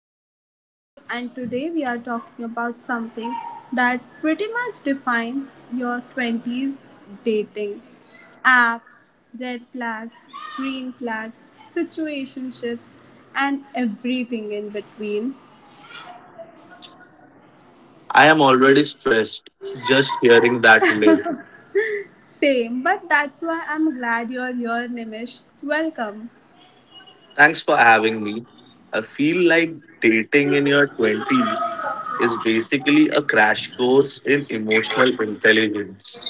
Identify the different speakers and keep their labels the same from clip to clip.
Speaker 1: Am Kashyapi and today we are talking about something that pretty much defines your 20s dating. Apps, red flags, green flags, situationships and everything in between.
Speaker 2: I am already stressed just hearing that list.
Speaker 1: Same, but that's why I'm glad you're here Nimish. Welcome.
Speaker 2: Thanks for having me. I feel like dating in your 20s is basically a crash course in emotional intelligence.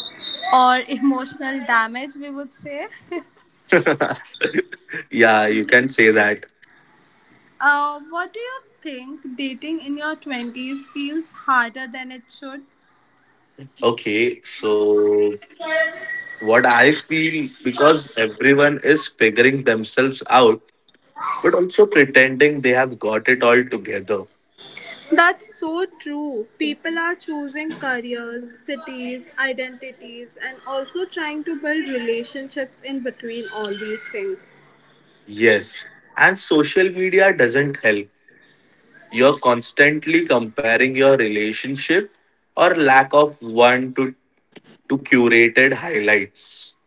Speaker 1: Or emotional damage we would say.
Speaker 2: Yeah, you can say that.
Speaker 1: What do you think dating in your 20s feels harder than it should?
Speaker 2: Okay, so what I feel because everyone is figuring themselves out, but also pretending they have got it all together.
Speaker 1: That's so true. People are choosing careers, cities, identities, and also trying to build relationships in between all these things.
Speaker 2: Yes, and social media doesn't help. You're constantly comparing your relationship or lack of one to curated highlights.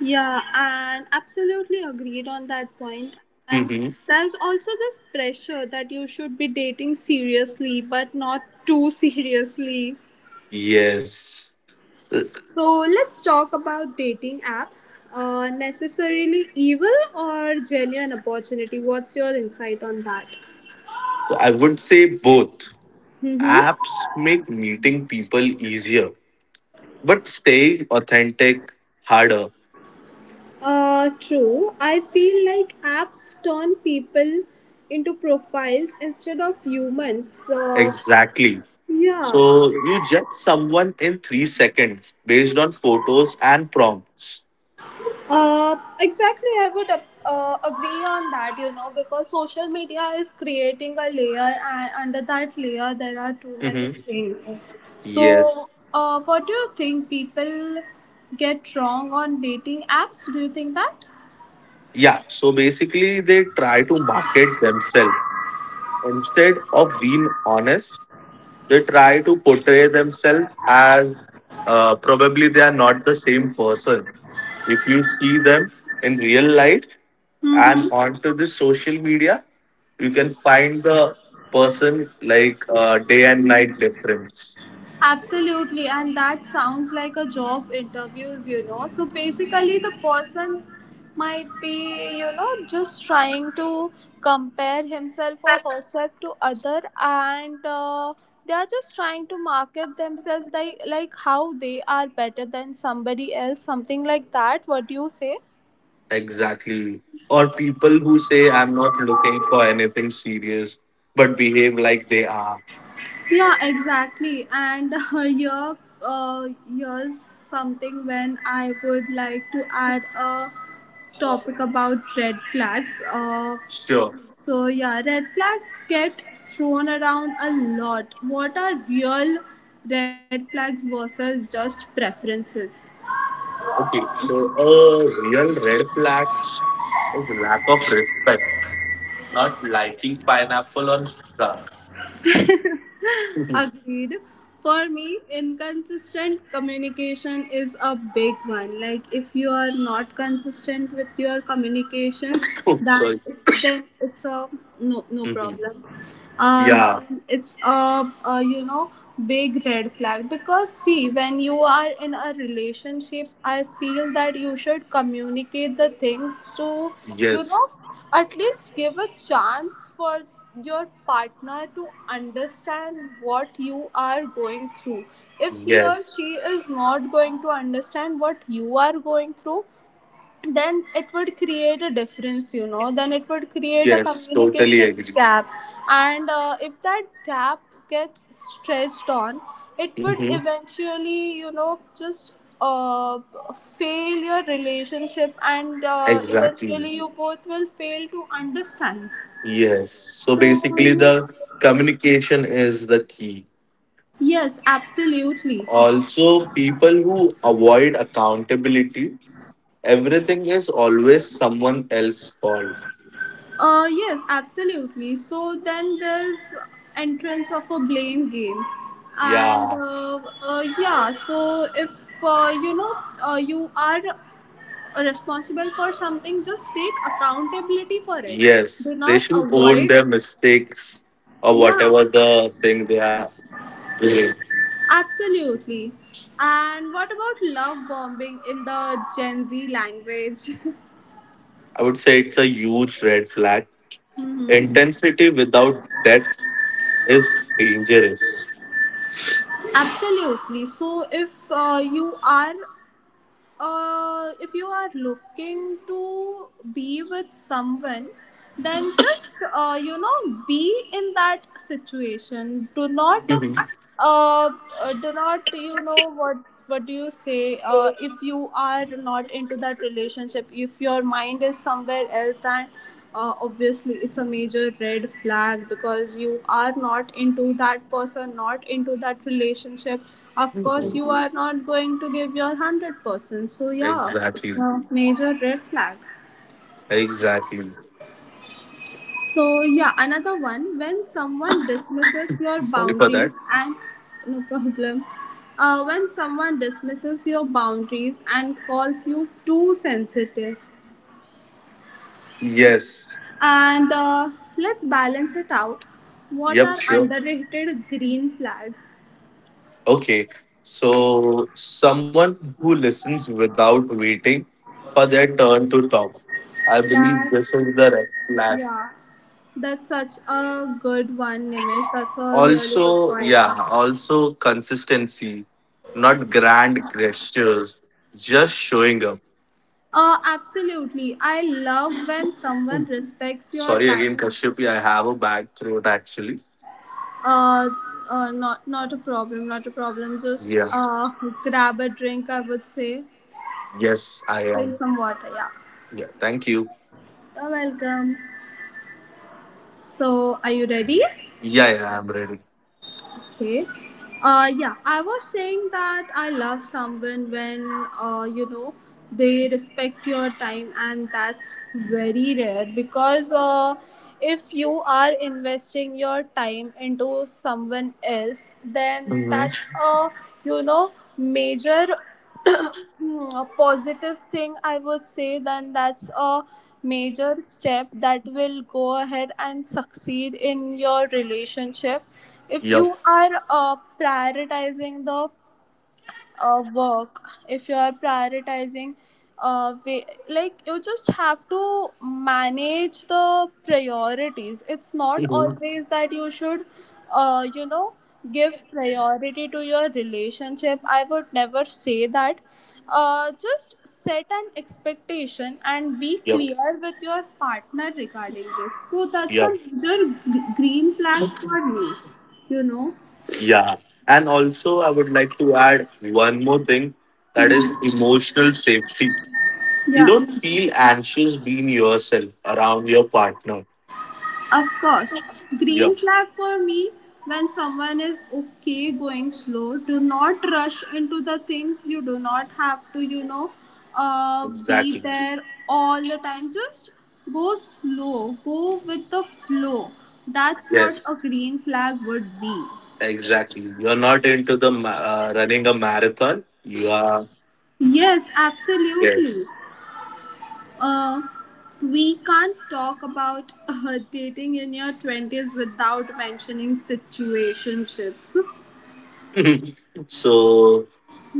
Speaker 1: Yeah, and absolutely agreed on that point. And
Speaker 2: Mm-hmm.
Speaker 1: there's also this pressure that you should be dating seriously, but not too seriously.
Speaker 2: Yes. Uh,
Speaker 1: So let's talk about dating apps. Necessarily evil or genuine opportunity? What's your insight on that?
Speaker 2: so I would say both.
Speaker 1: Mm-hmm.
Speaker 2: Apps make meeting people easier, but staying authentic harder.
Speaker 1: True. I feel like apps turn people into profiles instead of humans. So,
Speaker 2: Exactly.
Speaker 1: yeah.
Speaker 2: So you judge someone in 3 seconds based on photos and prompts.
Speaker 1: Exactly, I would agree on that, you know, because social media is creating a layer, and under that layer, there are too many
Speaker 2: Mhm.
Speaker 1: things. So,
Speaker 2: Yes.
Speaker 1: what do you think people get wrong on dating apps? Do you think that?
Speaker 2: Yeah. So basically, they try to market themselves. Instead of being honest, they try to portray themselves as probably they are not the same person. If you see them in real life and
Speaker 1: Mm-hmm.
Speaker 2: onto the social media, you can find the person like day and night difference.
Speaker 1: Absolutely, and that sounds like a job interviews, you know. So basically, the person might be, you know, just trying to compare himself or herself to other, and they are just trying to market themselves like how they are better than somebody else, something like that. What do you say?
Speaker 2: Exactly. Or people who say, I'm not looking for anything serious, but behave like they are.
Speaker 1: Yeah, exactly. And here's something when I would like to add a topic about red flags. Uh,
Speaker 2: Sure.
Speaker 1: so yeah, red flags get thrown around a lot. What are real red flags versus just preferences?
Speaker 2: Okay. So, a real red flag, it's lack of respect, not liking pineapple on pizza. Mhm.
Speaker 1: Agreed. For me, inconsistent communication is a big one. Like if you are not consistent with your communication,
Speaker 2: Oh,
Speaker 1: that
Speaker 2: sorry.
Speaker 1: then it's a no
Speaker 2: Mhm.
Speaker 1: problem. Uh,
Speaker 2: Yeah.
Speaker 1: then it's a, you know big red flag because see when you are in a relationship, I feel that you should communicate the things to you know
Speaker 2: Yes.
Speaker 1: at least give a chance for your partner to understand what you are going through. If he or
Speaker 2: Yes.
Speaker 1: she is not going to understand what you are going through, then it would create a difference you know then it would create a
Speaker 2: Yes. Totally agree.
Speaker 1: communication gap and if that gap gets stretched on it would
Speaker 2: Hmm.
Speaker 1: eventually you know just uh, fail your relationship and eventually
Speaker 2: Exactly.
Speaker 1: you both will fail to understand
Speaker 2: Yes. So basically, the communication is the key.
Speaker 1: yes absolutely
Speaker 2: Also, people who avoid accountability, everything is always someone else's fault.
Speaker 1: Yes, absolutely. So then there's entrance of a blame game, and
Speaker 2: Yeah.
Speaker 1: uh, uh, yeah. So if you know you are responsible for something, just take accountability for it. Do
Speaker 2: Yes. They
Speaker 1: not
Speaker 2: should own
Speaker 1: avoid.
Speaker 2: their mistakes or
Speaker 1: Yeah,
Speaker 2: whatever the thing they are. Really?
Speaker 1: absolutely. And what about love bombing in the Gen Z language?
Speaker 2: I would say it's a huge red flag.
Speaker 1: Mhm.
Speaker 2: Intensity without depth is dangerous.
Speaker 1: Absolutely. So, if you are if you are looking to be with someone, then just you know be in that situation. Do not
Speaker 2: Mhm.
Speaker 1: uh, uh, do not you know what do you say? If you are not into that relationship, if your mind is somewhere else and obviously it's a major red flag because you are not into that person not into that relationship of
Speaker 2: Mhm.
Speaker 1: course you are not going to give your 100% so yeah it's
Speaker 2: Exactly.
Speaker 1: a major red flag
Speaker 2: Exactly.
Speaker 1: so yeah another one when someone dismisses your
Speaker 2: Sorry for
Speaker 1: boundaries
Speaker 2: that.
Speaker 1: and no problem when someone dismisses your boundaries and calls you too sensitive
Speaker 2: Yes.
Speaker 1: And let's balance it out. What
Speaker 2: Yep,
Speaker 1: are
Speaker 2: sure.
Speaker 1: underrated green flags?
Speaker 2: Okay. So, someone who listens without waiting for their turn to talk. I believe this is the red
Speaker 1: That's,
Speaker 2: flag.
Speaker 1: yeah, that's such a good one, Nimish. That's a really good
Speaker 2: Also,
Speaker 1: point.
Speaker 2: yeah, also consistency, not grand gestures, just showing up.
Speaker 1: Absolutely. I love when someone respects your
Speaker 2: Sorry again,
Speaker 1: time.
Speaker 2: Kashyapi. I have a bad throat actually.
Speaker 1: Uh, not a problem, not a problem. Just
Speaker 2: Yeah.
Speaker 1: grab a drink, I would say.
Speaker 2: Yes, I
Speaker 1: Drink
Speaker 2: am.
Speaker 1: some water, yeah.
Speaker 2: Yeah. Thank you.
Speaker 1: You're welcome. So, are you ready?
Speaker 2: Yeah, yeah, I'm ready.
Speaker 1: Okay. Yeah, I was saying that I love someone when, you know, they respect your time, and that's very rare because if you are investing your time into someone else, then
Speaker 2: Mm-hmm.
Speaker 1: that's a, you know, major Hmm, a positive thing I would say then that's a major step that will go ahead and succeed in your relationship if you
Speaker 2: Yep.
Speaker 1: are prioritizing the work if you are prioritizing way, like you just have to manage the priorities it's not
Speaker 2: Hmm.
Speaker 1: always that you should you know give priority to your relationship I would never say that just set an expectation and be
Speaker 2: Yep.
Speaker 1: clear with your partner regarding this so that's a
Speaker 2: Yep.
Speaker 1: major green flag for me you know
Speaker 2: Yeah. And also, I would like to add one more thing, that is emotional safety. You
Speaker 1: yeah
Speaker 2: don't feel anxious being yourself around your partner.
Speaker 1: Of course, green
Speaker 2: Yep.
Speaker 1: flag for me when someone is okay going slow. Do not rush into the things. You do not have to, you know, be
Speaker 2: Exactly.
Speaker 1: there all the time. Just go slow, go with the flow. That's what a
Speaker 2: Yes.
Speaker 1: green flag would be.
Speaker 2: Exactly. You're not into the running a marathon. You are.
Speaker 1: Yes, absolutely.
Speaker 2: Yes.
Speaker 1: Uh, we can't talk about dating in your 20s without mentioning situationships.
Speaker 2: So,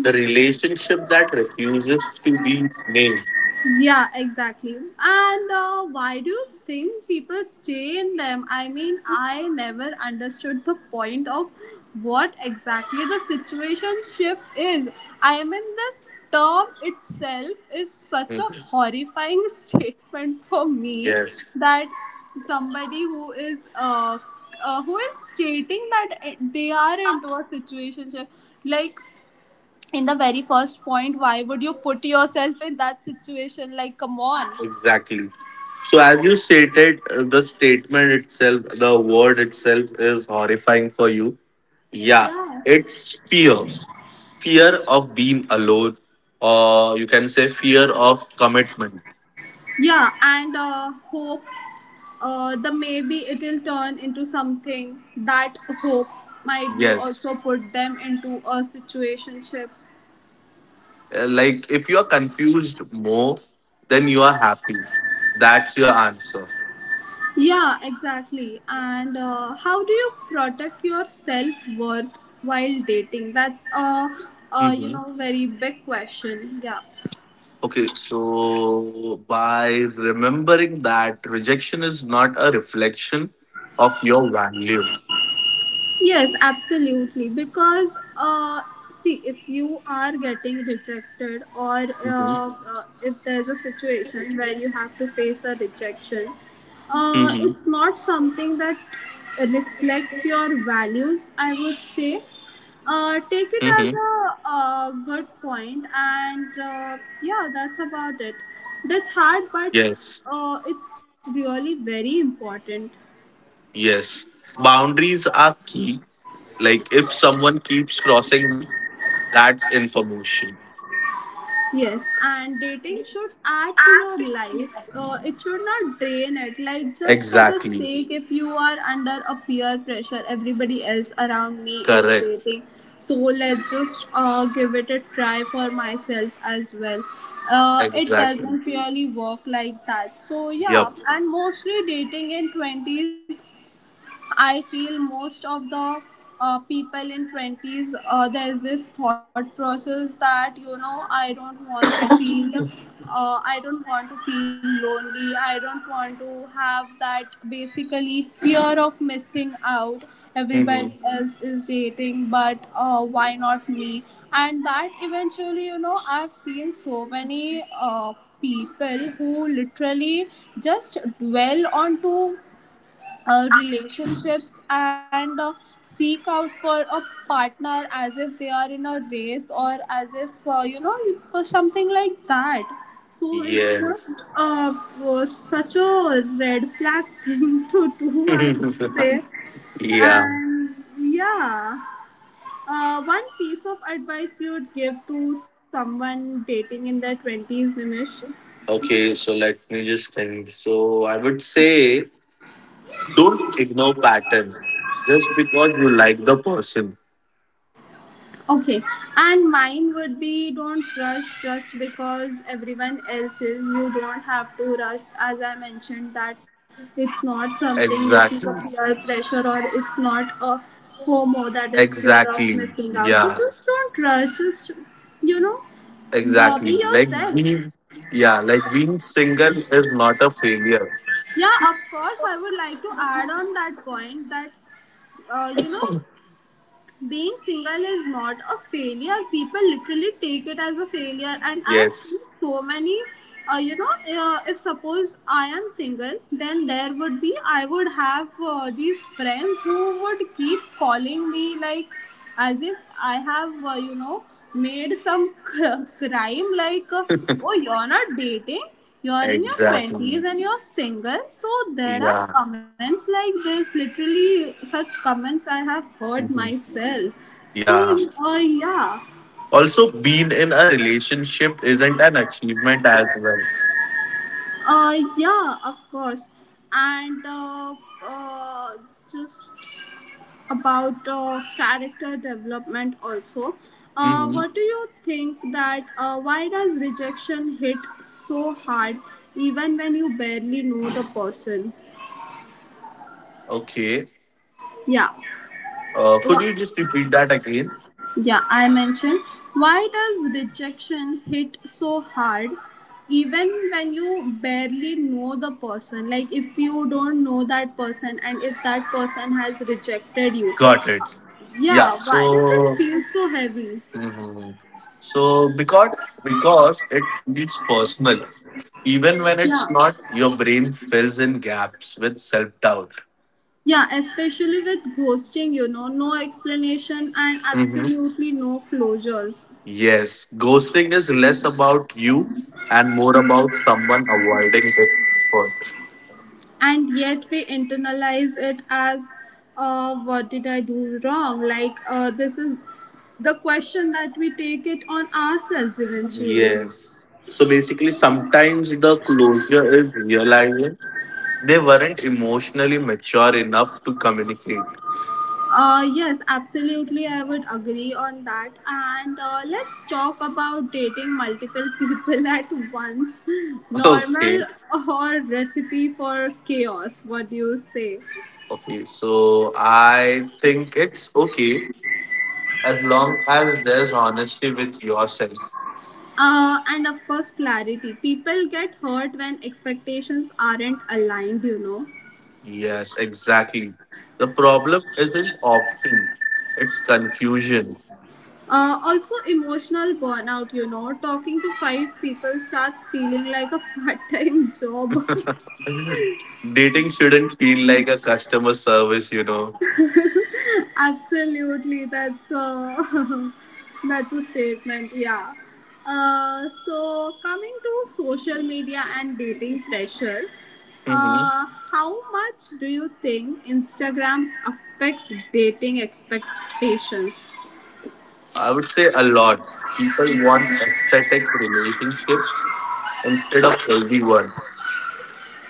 Speaker 2: the relationship that refuses to be named.
Speaker 1: Yeah, exactly. And why do you think people stay in them? I mean, I never understood the point of what exactly the situationship is. I mean, this term itself is such a
Speaker 2: Mhm.
Speaker 1: horrifying statement for me
Speaker 2: Yes,
Speaker 1: that somebody who is stating that they are into a situationship like in the very first point why would you put yourself in that situation like come on
Speaker 2: exactly. So, as you stated, the statement itself, the word itself is horrifying for you. Yeah,
Speaker 1: yeah
Speaker 2: it's fear. Fear of being alone, or you can say fear of commitment.
Speaker 1: yeah and hope the maybe it'll turn into something that hope might be also
Speaker 2: Yes.
Speaker 1: put them into a situationship
Speaker 2: Like if you are confused more, then you are happy. That's your answer.
Speaker 1: yeah exactly and how do you protect your self-worth while dating that's a you
Speaker 2: Mm-hmm.
Speaker 1: know very big question yeah
Speaker 2: Okay, so by remembering that rejection is not a reflection of your value.
Speaker 1: Yes, absolutely. Because see, if you are getting rejected, or
Speaker 2: Hmm.
Speaker 1: if there's a situation where you have to face a rejection,
Speaker 2: Hmm.
Speaker 1: it's not something that reflects your values. I would say,
Speaker 2: Hmm.
Speaker 1: take it as a, good point, and yeah, that's about it. That's hard, but
Speaker 2: Yes,
Speaker 1: it's really very important.
Speaker 2: yes. Boundaries are key. Like if someone keeps crossing them, that's information.
Speaker 1: Yes, and dating should add to your life. It should not drain it. Like, just for the
Speaker 2: Exactly.
Speaker 1: sake, if you are under a peer pressure, everybody else around me is
Speaker 2: Correct.
Speaker 1: dating. So, let's just give it a try for myself as well. It
Speaker 2: Exactly.
Speaker 1: doesn't really work like that. So, yeah,
Speaker 2: Yep.
Speaker 1: and mostly dating in 20s I feel most of the people in 20s, there's this thought process that, you know, I don't want to feel, I don't want to feel lonely. I don't want to have that basically fear of missing out.
Speaker 2: Hmm.
Speaker 1: Everybody else is dating, but why not me? And that eventually, you know, I've seen so many people who literally just dwell onto relationships and seek out for a partner as if they are in a race or as if you know it something like that so it's
Speaker 2: Yes.
Speaker 1: just was such a red flag thing to do I would say
Speaker 2: Yeah.
Speaker 1: and yeah one piece of advice you would give to someone dating in their 20s nimish
Speaker 2: Okay, so let me just think. So I would say, don't ignore patterns just because you like the person.
Speaker 1: Okay, and mine would be don't rush just because everyone else is. You don't have to rush, as I mentioned, that it's not something which is a
Speaker 2: Exactly.
Speaker 1: peer pressure or it's not a FOMO that is fear of
Speaker 2: Exactly.
Speaker 1: missing out. So
Speaker 2: Yeah.
Speaker 1: just don't rush, just you know,
Speaker 2: Exactly.
Speaker 1: be
Speaker 2: Like
Speaker 1: yourself.
Speaker 2: being yeah, like being single is not a failure.
Speaker 1: Yeah, of course, I would like to add on that point that you know being single is not a failure people literally take it as a failure and I've seen
Speaker 2: Yes.
Speaker 1: so many you know if suppose I am single then there would be I would have these friends who would keep calling me like as if I have, you know, made some crime like, oh, you're not dating, you're in your
Speaker 2: Exactly.
Speaker 1: 20s and you're single. So there are
Speaker 2: Yeah.
Speaker 1: comments like this, literally, such comments I have heard
Speaker 2: Mhm.
Speaker 1: myself. So,
Speaker 2: Yeah.
Speaker 1: uh, yeah,
Speaker 2: Also being in a relationship isn't an achievement as well.
Speaker 1: yeah, of course. And uh, just about character development also.
Speaker 2: Hmm.
Speaker 1: What do you think that why does rejection hit so hard even when you barely know the person?
Speaker 2: Okay.
Speaker 1: Yeah.
Speaker 2: Could
Speaker 1: Wha-
Speaker 2: you just repeat that again?
Speaker 1: Yeah, I mentioned why does rejection hit so hard even when you barely know the person? Like if you don't know that person and if that person has rejected you.
Speaker 2: Got it. Yeah.
Speaker 1: Yeah, why does it
Speaker 2: So.
Speaker 1: feel so heavy?
Speaker 2: Mhm. So, because it is personal, even when
Speaker 1: Yeah.
Speaker 2: it's not, your brain fills in gaps with self doubt.
Speaker 1: Yeah, especially with ghosting, you know, no explanation and
Speaker 2: Hmm.
Speaker 1: absolutely no closures.
Speaker 2: Yes, ghosting is less about you and more about someone avoiding discomfort.
Speaker 1: And yet we internalize it as, what did I do wrong? Like, this is the question that we take it on ourselves eventually.
Speaker 2: Yes. So basically, sometimes the closure is realizing they weren't emotionally mature enough to communicate.
Speaker 1: Yes, absolutely, I would agree on that. And let's talk about dating multiple people at once.
Speaker 2: Okay.
Speaker 1: Normal or recipe for chaos? What do you say?
Speaker 2: Okay. So I think it's okay as long as there's honesty with yourself.
Speaker 1: And of course, clarity. People get hurt when expectations aren't aligned, you know.
Speaker 2: Yes, exactly. The problem isn't option, it's confusion.
Speaker 1: Also, emotional burnout, you know. Talking to five people starts feeling like a part time job.
Speaker 2: Dating shouldn't feel like a customer service.
Speaker 1: Absolutely, that's a, that's a statement, yeah. So, coming to social media and dating pressure,
Speaker 2: Mhm.
Speaker 1: uh, how much do you think Instagram affects dating expectations?
Speaker 2: I would say a lot. People want aesthetic relationship instead of healthy one.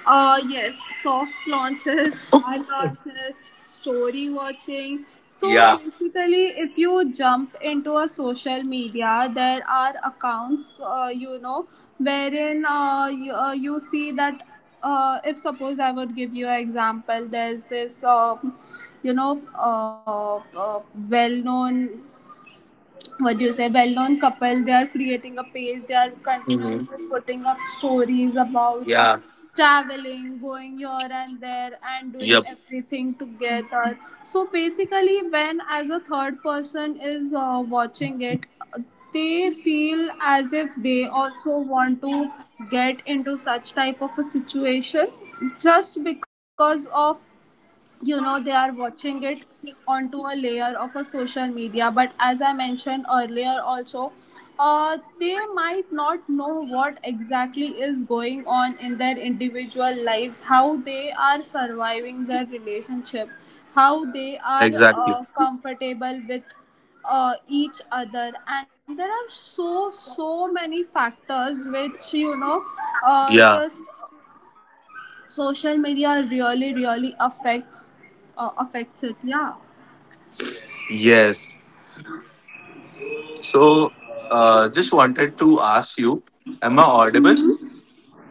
Speaker 1: Yes, soft launches, hard launches, story watching. So
Speaker 2: Yeah.
Speaker 1: basically, if you jump into a social media, there are accounts, wherein you, you see that if suppose I would give you an example, there's this, you know, well known what do you say well-known couple. They are creating a page, they are
Speaker 2: Mhm.
Speaker 1: continuously putting up stories about
Speaker 2: Yeah.
Speaker 1: traveling, going here and there and doing
Speaker 2: Yep.
Speaker 1: everything together. So basically, when as a third person is watching it, they feel as if they also want to get into such type of a situation just because, of you know, they are watching it onto a layer of a social media. But as I mentioned earlier also, they might not know what exactly is going on in their individual lives, how they are surviving their relationship, how
Speaker 2: Exactly.
Speaker 1: they are comfortable with each other. And there are so many factors
Speaker 2: Yeah.
Speaker 1: which, you know, just social media really, really affects affects it. Yeah.
Speaker 2: Yes. So, just wanted to ask you, am I audible?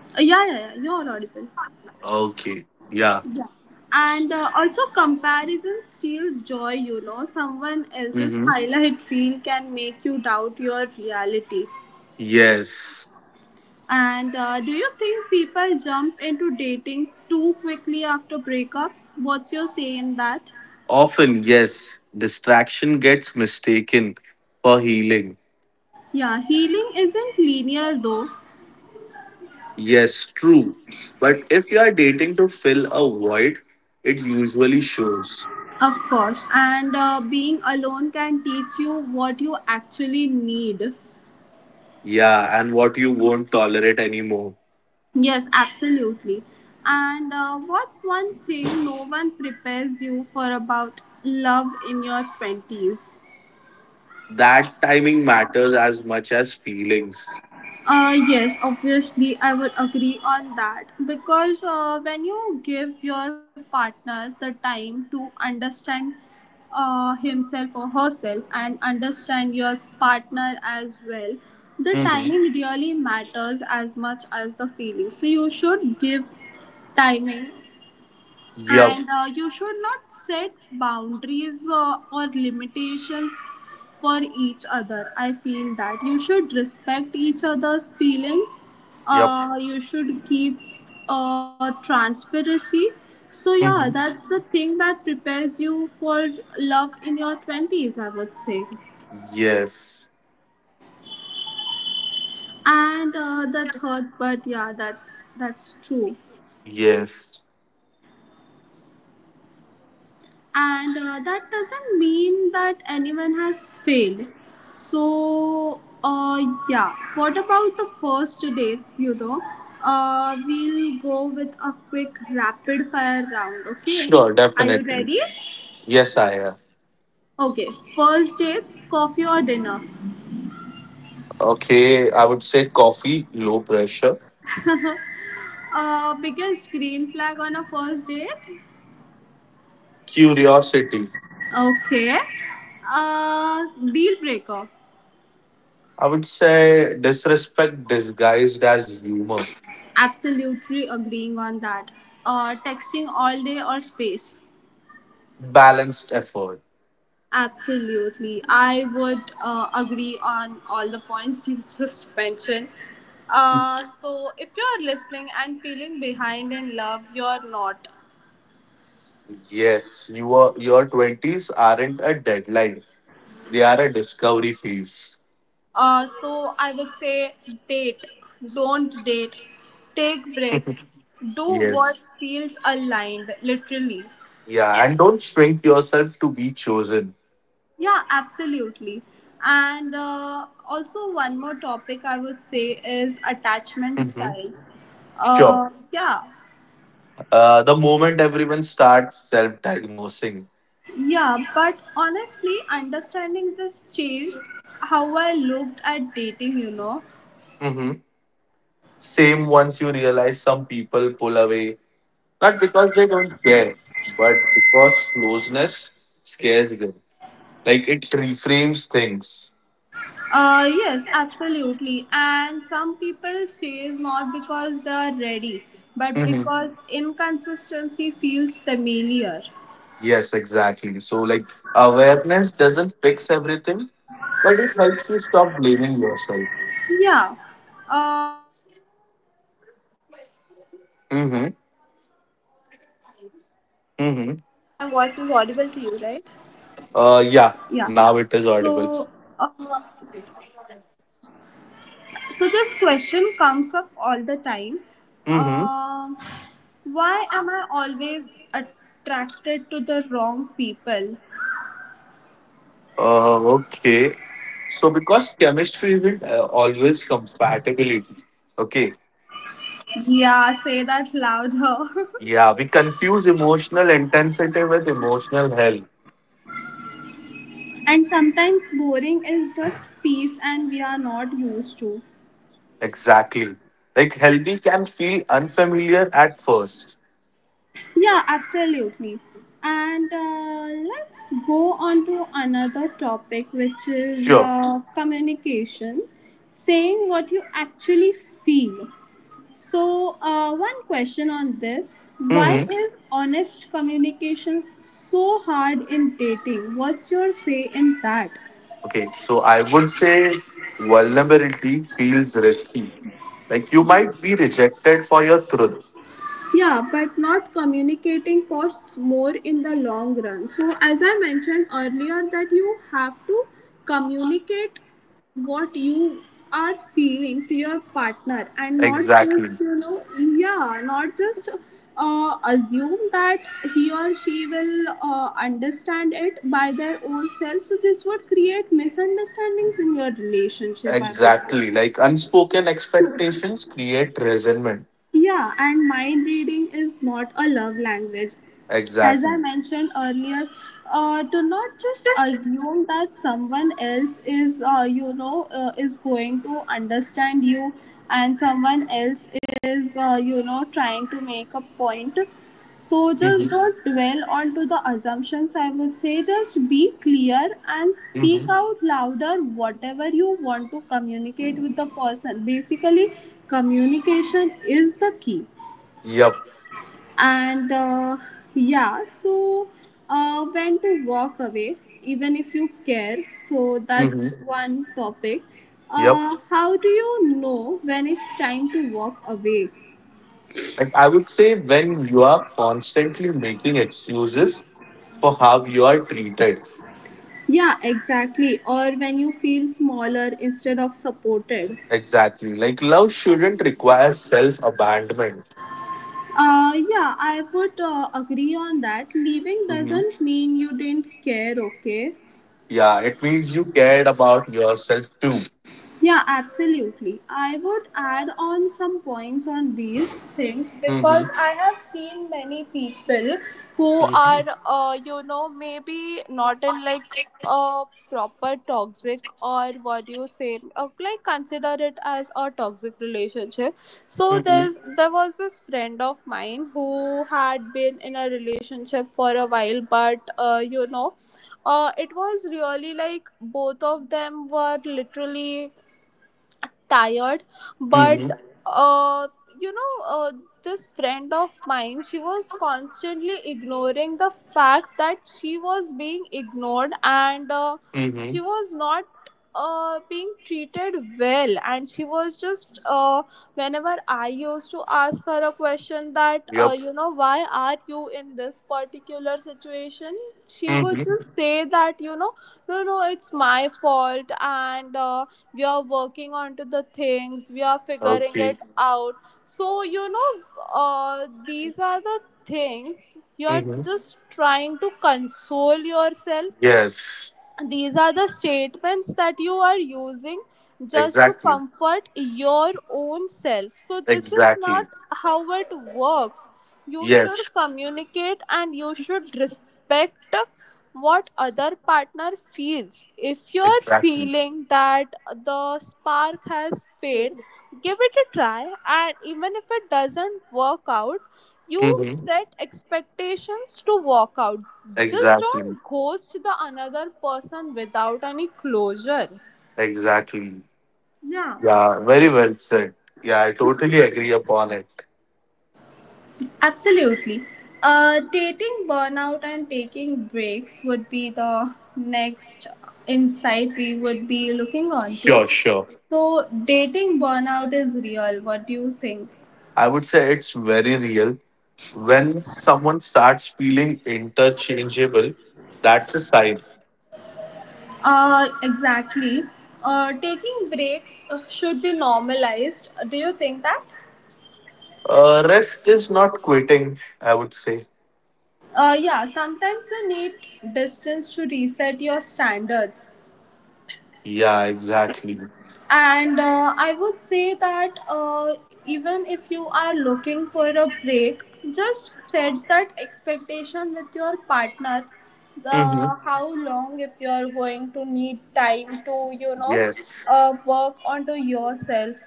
Speaker 1: Yeah. You're audible.
Speaker 2: Okay. Yeah.
Speaker 1: Yeah. And also, comparison steals joy, you know. Someone
Speaker 2: Mm-hmm.
Speaker 1: else's highlight reel can make you doubt your reality.
Speaker 2: Yes.
Speaker 1: And do you think people jump into dating too quickly after breakups? What's your say in that?
Speaker 2: Often, yes, distraction gets mistaken for healing.
Speaker 1: Yeah, healing isn't linear though.
Speaker 2: Yes, true. But if you are dating to fill a void, it usually shows.
Speaker 1: Of course, and being alone can teach you what you actually need.
Speaker 2: Yeah, and what you won't tolerate anymore.
Speaker 1: Yes, absolutely. And what's one thing no one prepares you for about love in your 20s?
Speaker 2: That timing matters as much as feelings.
Speaker 1: Yes, obviously, I would agree on that, because when you give your partner the time to understand himself or herself and understand your partner as well, the
Speaker 2: Mm-hmm.
Speaker 1: timing really matters as much as the feeling. So, you should give timing
Speaker 2: Yep.
Speaker 1: and you should not set boundaries or limitations for each other. I feel that you should respect each other's feelings.
Speaker 2: Yep.
Speaker 1: You should keep transparency. So yeah,
Speaker 2: Mm-hmm.
Speaker 1: that's the thing that prepares you for love in your 20s, I would say.
Speaker 2: Yes.
Speaker 1: And that hurts, but yeah, that's true.
Speaker 2: Yes.
Speaker 1: And that doesn't mean that anyone has failed. so uh yeah, what about the first dates, you know? We'll go with a quick rapid fire round. Okay,
Speaker 2: Sure,
Speaker 1: are you
Speaker 2: definitely.
Speaker 1: ready?
Speaker 2: Yes, I am.
Speaker 1: Okay. First dates, coffee or dinner?
Speaker 2: Okay, I would say coffee, low pressure,
Speaker 1: Biggest green flag on a first date?
Speaker 2: curiosity.
Speaker 1: Okay. uh Deal breaker?
Speaker 2: I would say disrespect disguised as humor,
Speaker 1: Absolutely agreeing on that. Texting all day or space?
Speaker 2: balanced effort.
Speaker 1: Absolutely. I would agree on all the points you just mentioned. So, if you're listening and feeling behind in love, you're not.
Speaker 2: Yes, your twenties aren't a deadline; they are a discovery phase.
Speaker 1: So, I would say date. Don't date. Take breaks. Do what
Speaker 2: Yes,
Speaker 1: feels aligned, literally.
Speaker 2: yeah, and don't shrink yourself to be chosen.
Speaker 1: Yeah, absolutely. And also, one more topic I would say is attachment
Speaker 2: Hmm.
Speaker 1: styles.
Speaker 2: Sure.
Speaker 1: Uh, yeah,
Speaker 2: The moment everyone starts self-diagnosing.
Speaker 1: Yeah, but honestly, understanding this changed how I looked at dating, you know.
Speaker 2: Hmm. Same, once you realize some people pull away, not because they don't care, but because closeness scares them. Like it reframes things.
Speaker 1: Yes, absolutely. And some people chase, not because they are ready, but
Speaker 2: Hmm.
Speaker 1: because inconsistency feels familiar.
Speaker 2: Yes, exactly. So, like, awareness doesn't fix everything, but it helps you stop blaming yourself. Mm-hmm. Mm-hmm.
Speaker 1: Voice is audible to you, right?
Speaker 2: Yeah,
Speaker 1: Yeah.
Speaker 2: now it is audible.
Speaker 1: So, uh, so this question comes up all the time.
Speaker 2: Mm-hmm.
Speaker 1: Uh, why am I always attracted to the wrong people?
Speaker 2: Okay. So, because chemistry isn't always compatibility. Okay.
Speaker 1: Yeah, say that louder.
Speaker 2: Yeah, we confuse emotional intensity with emotional health.
Speaker 1: And sometimes boring is just peace, and we are not used to.
Speaker 2: Exactly. Like healthy can feel unfamiliar at first.
Speaker 1: Yeah, absolutely. And let's go on to another topic, which is
Speaker 2: Sure.
Speaker 1: communication, saying what you actually feel. So, one question on this. Why
Speaker 2: Mm-hmm.
Speaker 1: is honest communication so hard in dating? What's your say in that?
Speaker 2: Okay. So I would say vulnerability feels risky. Like you might be rejected for your truth.
Speaker 1: Yeah, but not communicating costs more in the long run. So, as I mentioned earlier, that you have to communicate what you are feeling to your partner and not just,
Speaker 2: Exactly.
Speaker 1: you know, yeah, not just assume that he or she will understand it by their own self. So, this would create misunderstandings in your relationship, I would
Speaker 2: Exactly.
Speaker 1: say.
Speaker 2: Like unspoken expectations create resentment.
Speaker 1: Yeah, and mind reading is not a love language. As I
Speaker 2: Exactly.
Speaker 1: mentioned earlier, to not just assume that someone else is, is going to understand you, and someone else is, trying to make a point. So
Speaker 2: Mm-hmm.
Speaker 1: just don't dwell onto the assumptions. I would say just be clear and
Speaker 2: Mm-hmm.
Speaker 1: speak out louder whatever you want to communicate with the person. Basically, communication is the key.
Speaker 2: Yep.
Speaker 1: And yeah. So when to walk away even if you care, so
Speaker 2: Mm-hmm.
Speaker 1: that's one topic.
Speaker 2: Yep.
Speaker 1: How do you know when it's time to walk away?
Speaker 2: Like I would say when you are constantly making excuses for how you are treated.
Speaker 1: Yeah, exactly, or when you feel smaller instead of supported.
Speaker 2: Exactly. Like love shouldn't require self abandonment.
Speaker 1: Yeah, I would agree on that. Leaving
Speaker 2: Hmm.
Speaker 1: doesn't mean you didn't care. Okay.
Speaker 2: Yeah, it means you cared about yourself too.
Speaker 1: Yeah, absolutely. I would add on some points on these things,
Speaker 2: Mm-hmm.
Speaker 1: because I have seen many people who
Speaker 2: Mm-hmm.
Speaker 1: are, you know, maybe not in like a proper toxic or what do you say, like consider it as a toxic relationship. So
Speaker 2: Mm-hmm.
Speaker 1: there was this friend of mine who had been in a relationship for a while, but it was really like both of them were literally tired. But
Speaker 2: Mm-hmm.
Speaker 1: uh, you know uh, this friend of mine, she was constantly ignoring the fact that she was being ignored, and
Speaker 2: Mm-hmm.
Speaker 1: she was not being treated well, and she was just whenever I used to ask her a question that,
Speaker 2: Yep.
Speaker 1: you know, why are you in this particular situation, she would
Speaker 2: Mm-hmm.
Speaker 1: just say that, you know, no no, it's my fault, and we are working onto the things, we are figuring it
Speaker 2: Okay.
Speaker 1: out. So you know, these are the things you are
Speaker 2: Mm-hmm.
Speaker 1: just trying to console yourself.
Speaker 2: Yes.
Speaker 1: These are the statements that you are using just to
Speaker 2: Exactly.
Speaker 1: comfort your own self. So, this is not
Speaker 2: Exactly.
Speaker 1: how it works. You should
Speaker 2: Yes.
Speaker 1: communicate and you should respect what other partner feels. If you're
Speaker 2: Exactly.
Speaker 1: feeling that the spark has faded, give it a try, and even if it doesn't work out, you
Speaker 2: Mm-hmm.
Speaker 1: set expectations to work out. Just
Speaker 2: Exactly.
Speaker 1: don't ghost the another person without any closure.
Speaker 2: Exactly.
Speaker 1: Yeah,
Speaker 2: Yeah. Very well said. Yeah, I totally agree upon it.
Speaker 1: absolutely. Dating burnout and taking breaks would be the next insight we would be looking on
Speaker 2: Sure.
Speaker 1: to.
Speaker 2: Sure.
Speaker 1: So, dating burnout is real. What do you think?
Speaker 2: I would say it's very real. When someone starts feeling interchangeable, that's a sign.
Speaker 1: Exactly. Taking breaks should be normalized. Do you think that?
Speaker 2: Rest is not quitting, I would say.
Speaker 1: Yeah, sometimes you need distance to reset your standards.
Speaker 2: Yeah, exactly.
Speaker 1: And I would say that, even if you are looking for a break, just set that expectation with your partner. The
Speaker 2: Hmm.
Speaker 1: how long, if you are going to need time, to you know,
Speaker 2: Yes,
Speaker 1: work onto yourself,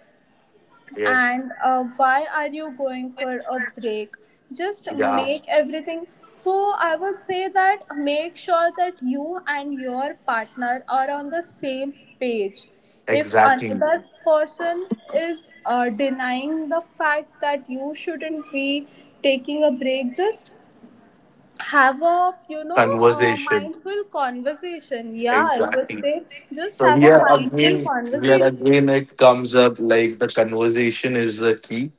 Speaker 2: yes,
Speaker 1: and why are you going for a break, just
Speaker 2: yeah,
Speaker 1: make everything. So I would say that make sure that you and your partner are on the same page. If
Speaker 2: exactly.
Speaker 1: another person is denying the fact that you shouldn't be taking a break, just have a, you know, a
Speaker 2: Conversation,
Speaker 1: mindful conversation. Yeah, I would
Speaker 2: exactly.
Speaker 1: say just
Speaker 2: So
Speaker 1: have a mindful
Speaker 2: here
Speaker 1: conversation.
Speaker 2: again, it comes up like the conversation is the key,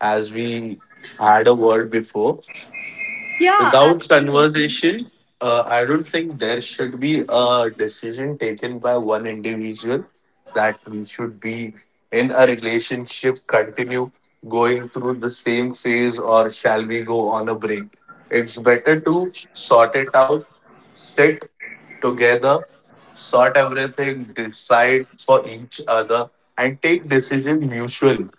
Speaker 2: as we had a word before.
Speaker 1: Yeah,
Speaker 2: Without
Speaker 1: absolutely.
Speaker 2: conversation, I don't think there should be a decision taken by one individual that we should be in a relationship, continue going through the same phase, or shall we go on a break? It's better to sort it out, sit together, sort everything, decide for each other, and take decision mutually.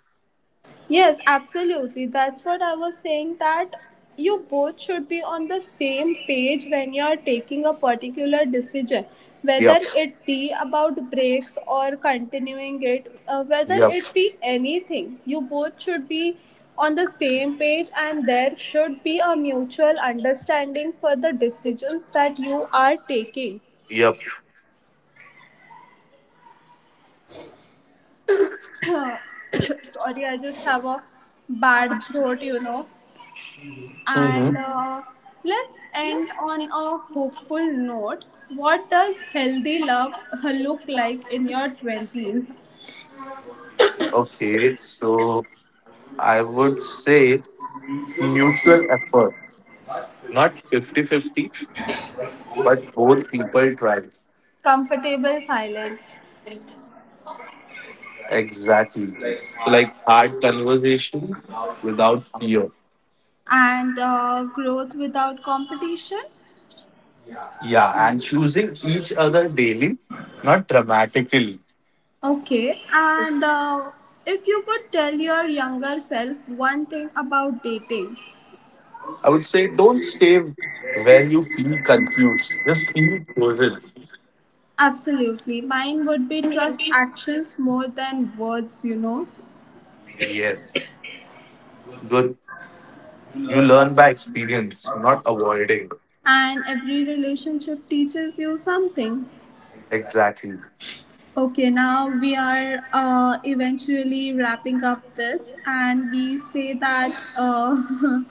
Speaker 1: Yes, absolutely. That's what I was saying, that you both should be on the same page when you're taking a particular decision, whether
Speaker 2: Yep,
Speaker 1: it be about breaks or continuing it, whether
Speaker 2: yep,
Speaker 1: it be anything. You both should be on the same page, and there should be a mutual understanding for the decisions that you are taking.
Speaker 2: yep.
Speaker 1: Sorry, I just have a bad throat, you know.
Speaker 2: Hmm.
Speaker 1: And let's end on a hopeful note. What does healthy love look like in your 20s?
Speaker 2: Okay, so I would say mutual effort, not 50-50, but both people try.
Speaker 1: Comfortable silence
Speaker 2: Exactly. So, like hard conversation without fear.
Speaker 1: and growth without competition.
Speaker 2: Yeah, and choosing each other daily, not dramatically.
Speaker 1: Okay, and if you could tell your younger self one thing about dating,
Speaker 2: I would say don't stay where you feel confused, just feel chosen.
Speaker 1: absolutely. Mine would be trust actions more than words, you know.
Speaker 2: Yes. Good. You learn by experience, not avoiding.
Speaker 1: And every relationship teaches you something.
Speaker 2: Exactly.
Speaker 1: Okay, now we are eventually wrapping up this, and we say that uh,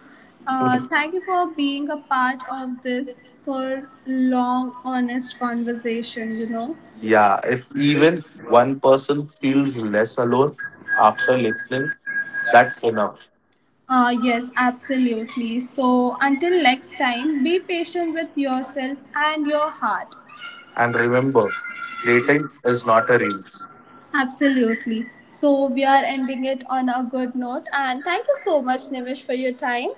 Speaker 1: thank you for being a part of this for long, honest conversation. You know,
Speaker 2: Yeah, if even one person feels less alone after listening, that's enough.
Speaker 1: yes, absolutely. So until next time, be patient with yourself and your heart.
Speaker 2: And remember, dating is not a race.
Speaker 1: Absolutely. So we are ending it on a good note, and thank you so much, Nimish, for your time.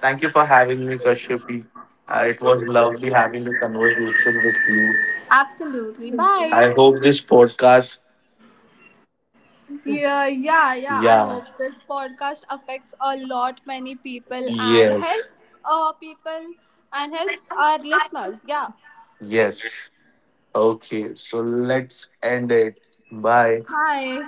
Speaker 2: Thank you for having me, Kashyapi. It was lovely having this conversation with you.
Speaker 1: Absolutely.
Speaker 2: I
Speaker 1: Bye.
Speaker 2: hope this podcast.
Speaker 1: Yeah. I
Speaker 2: Yeah.
Speaker 1: hope this podcast affects a lot many
Speaker 2: Yes.
Speaker 1: people and helps our listeners. Yeah.
Speaker 2: Yes. Okay. So let's end it. Bye.
Speaker 1: Bye.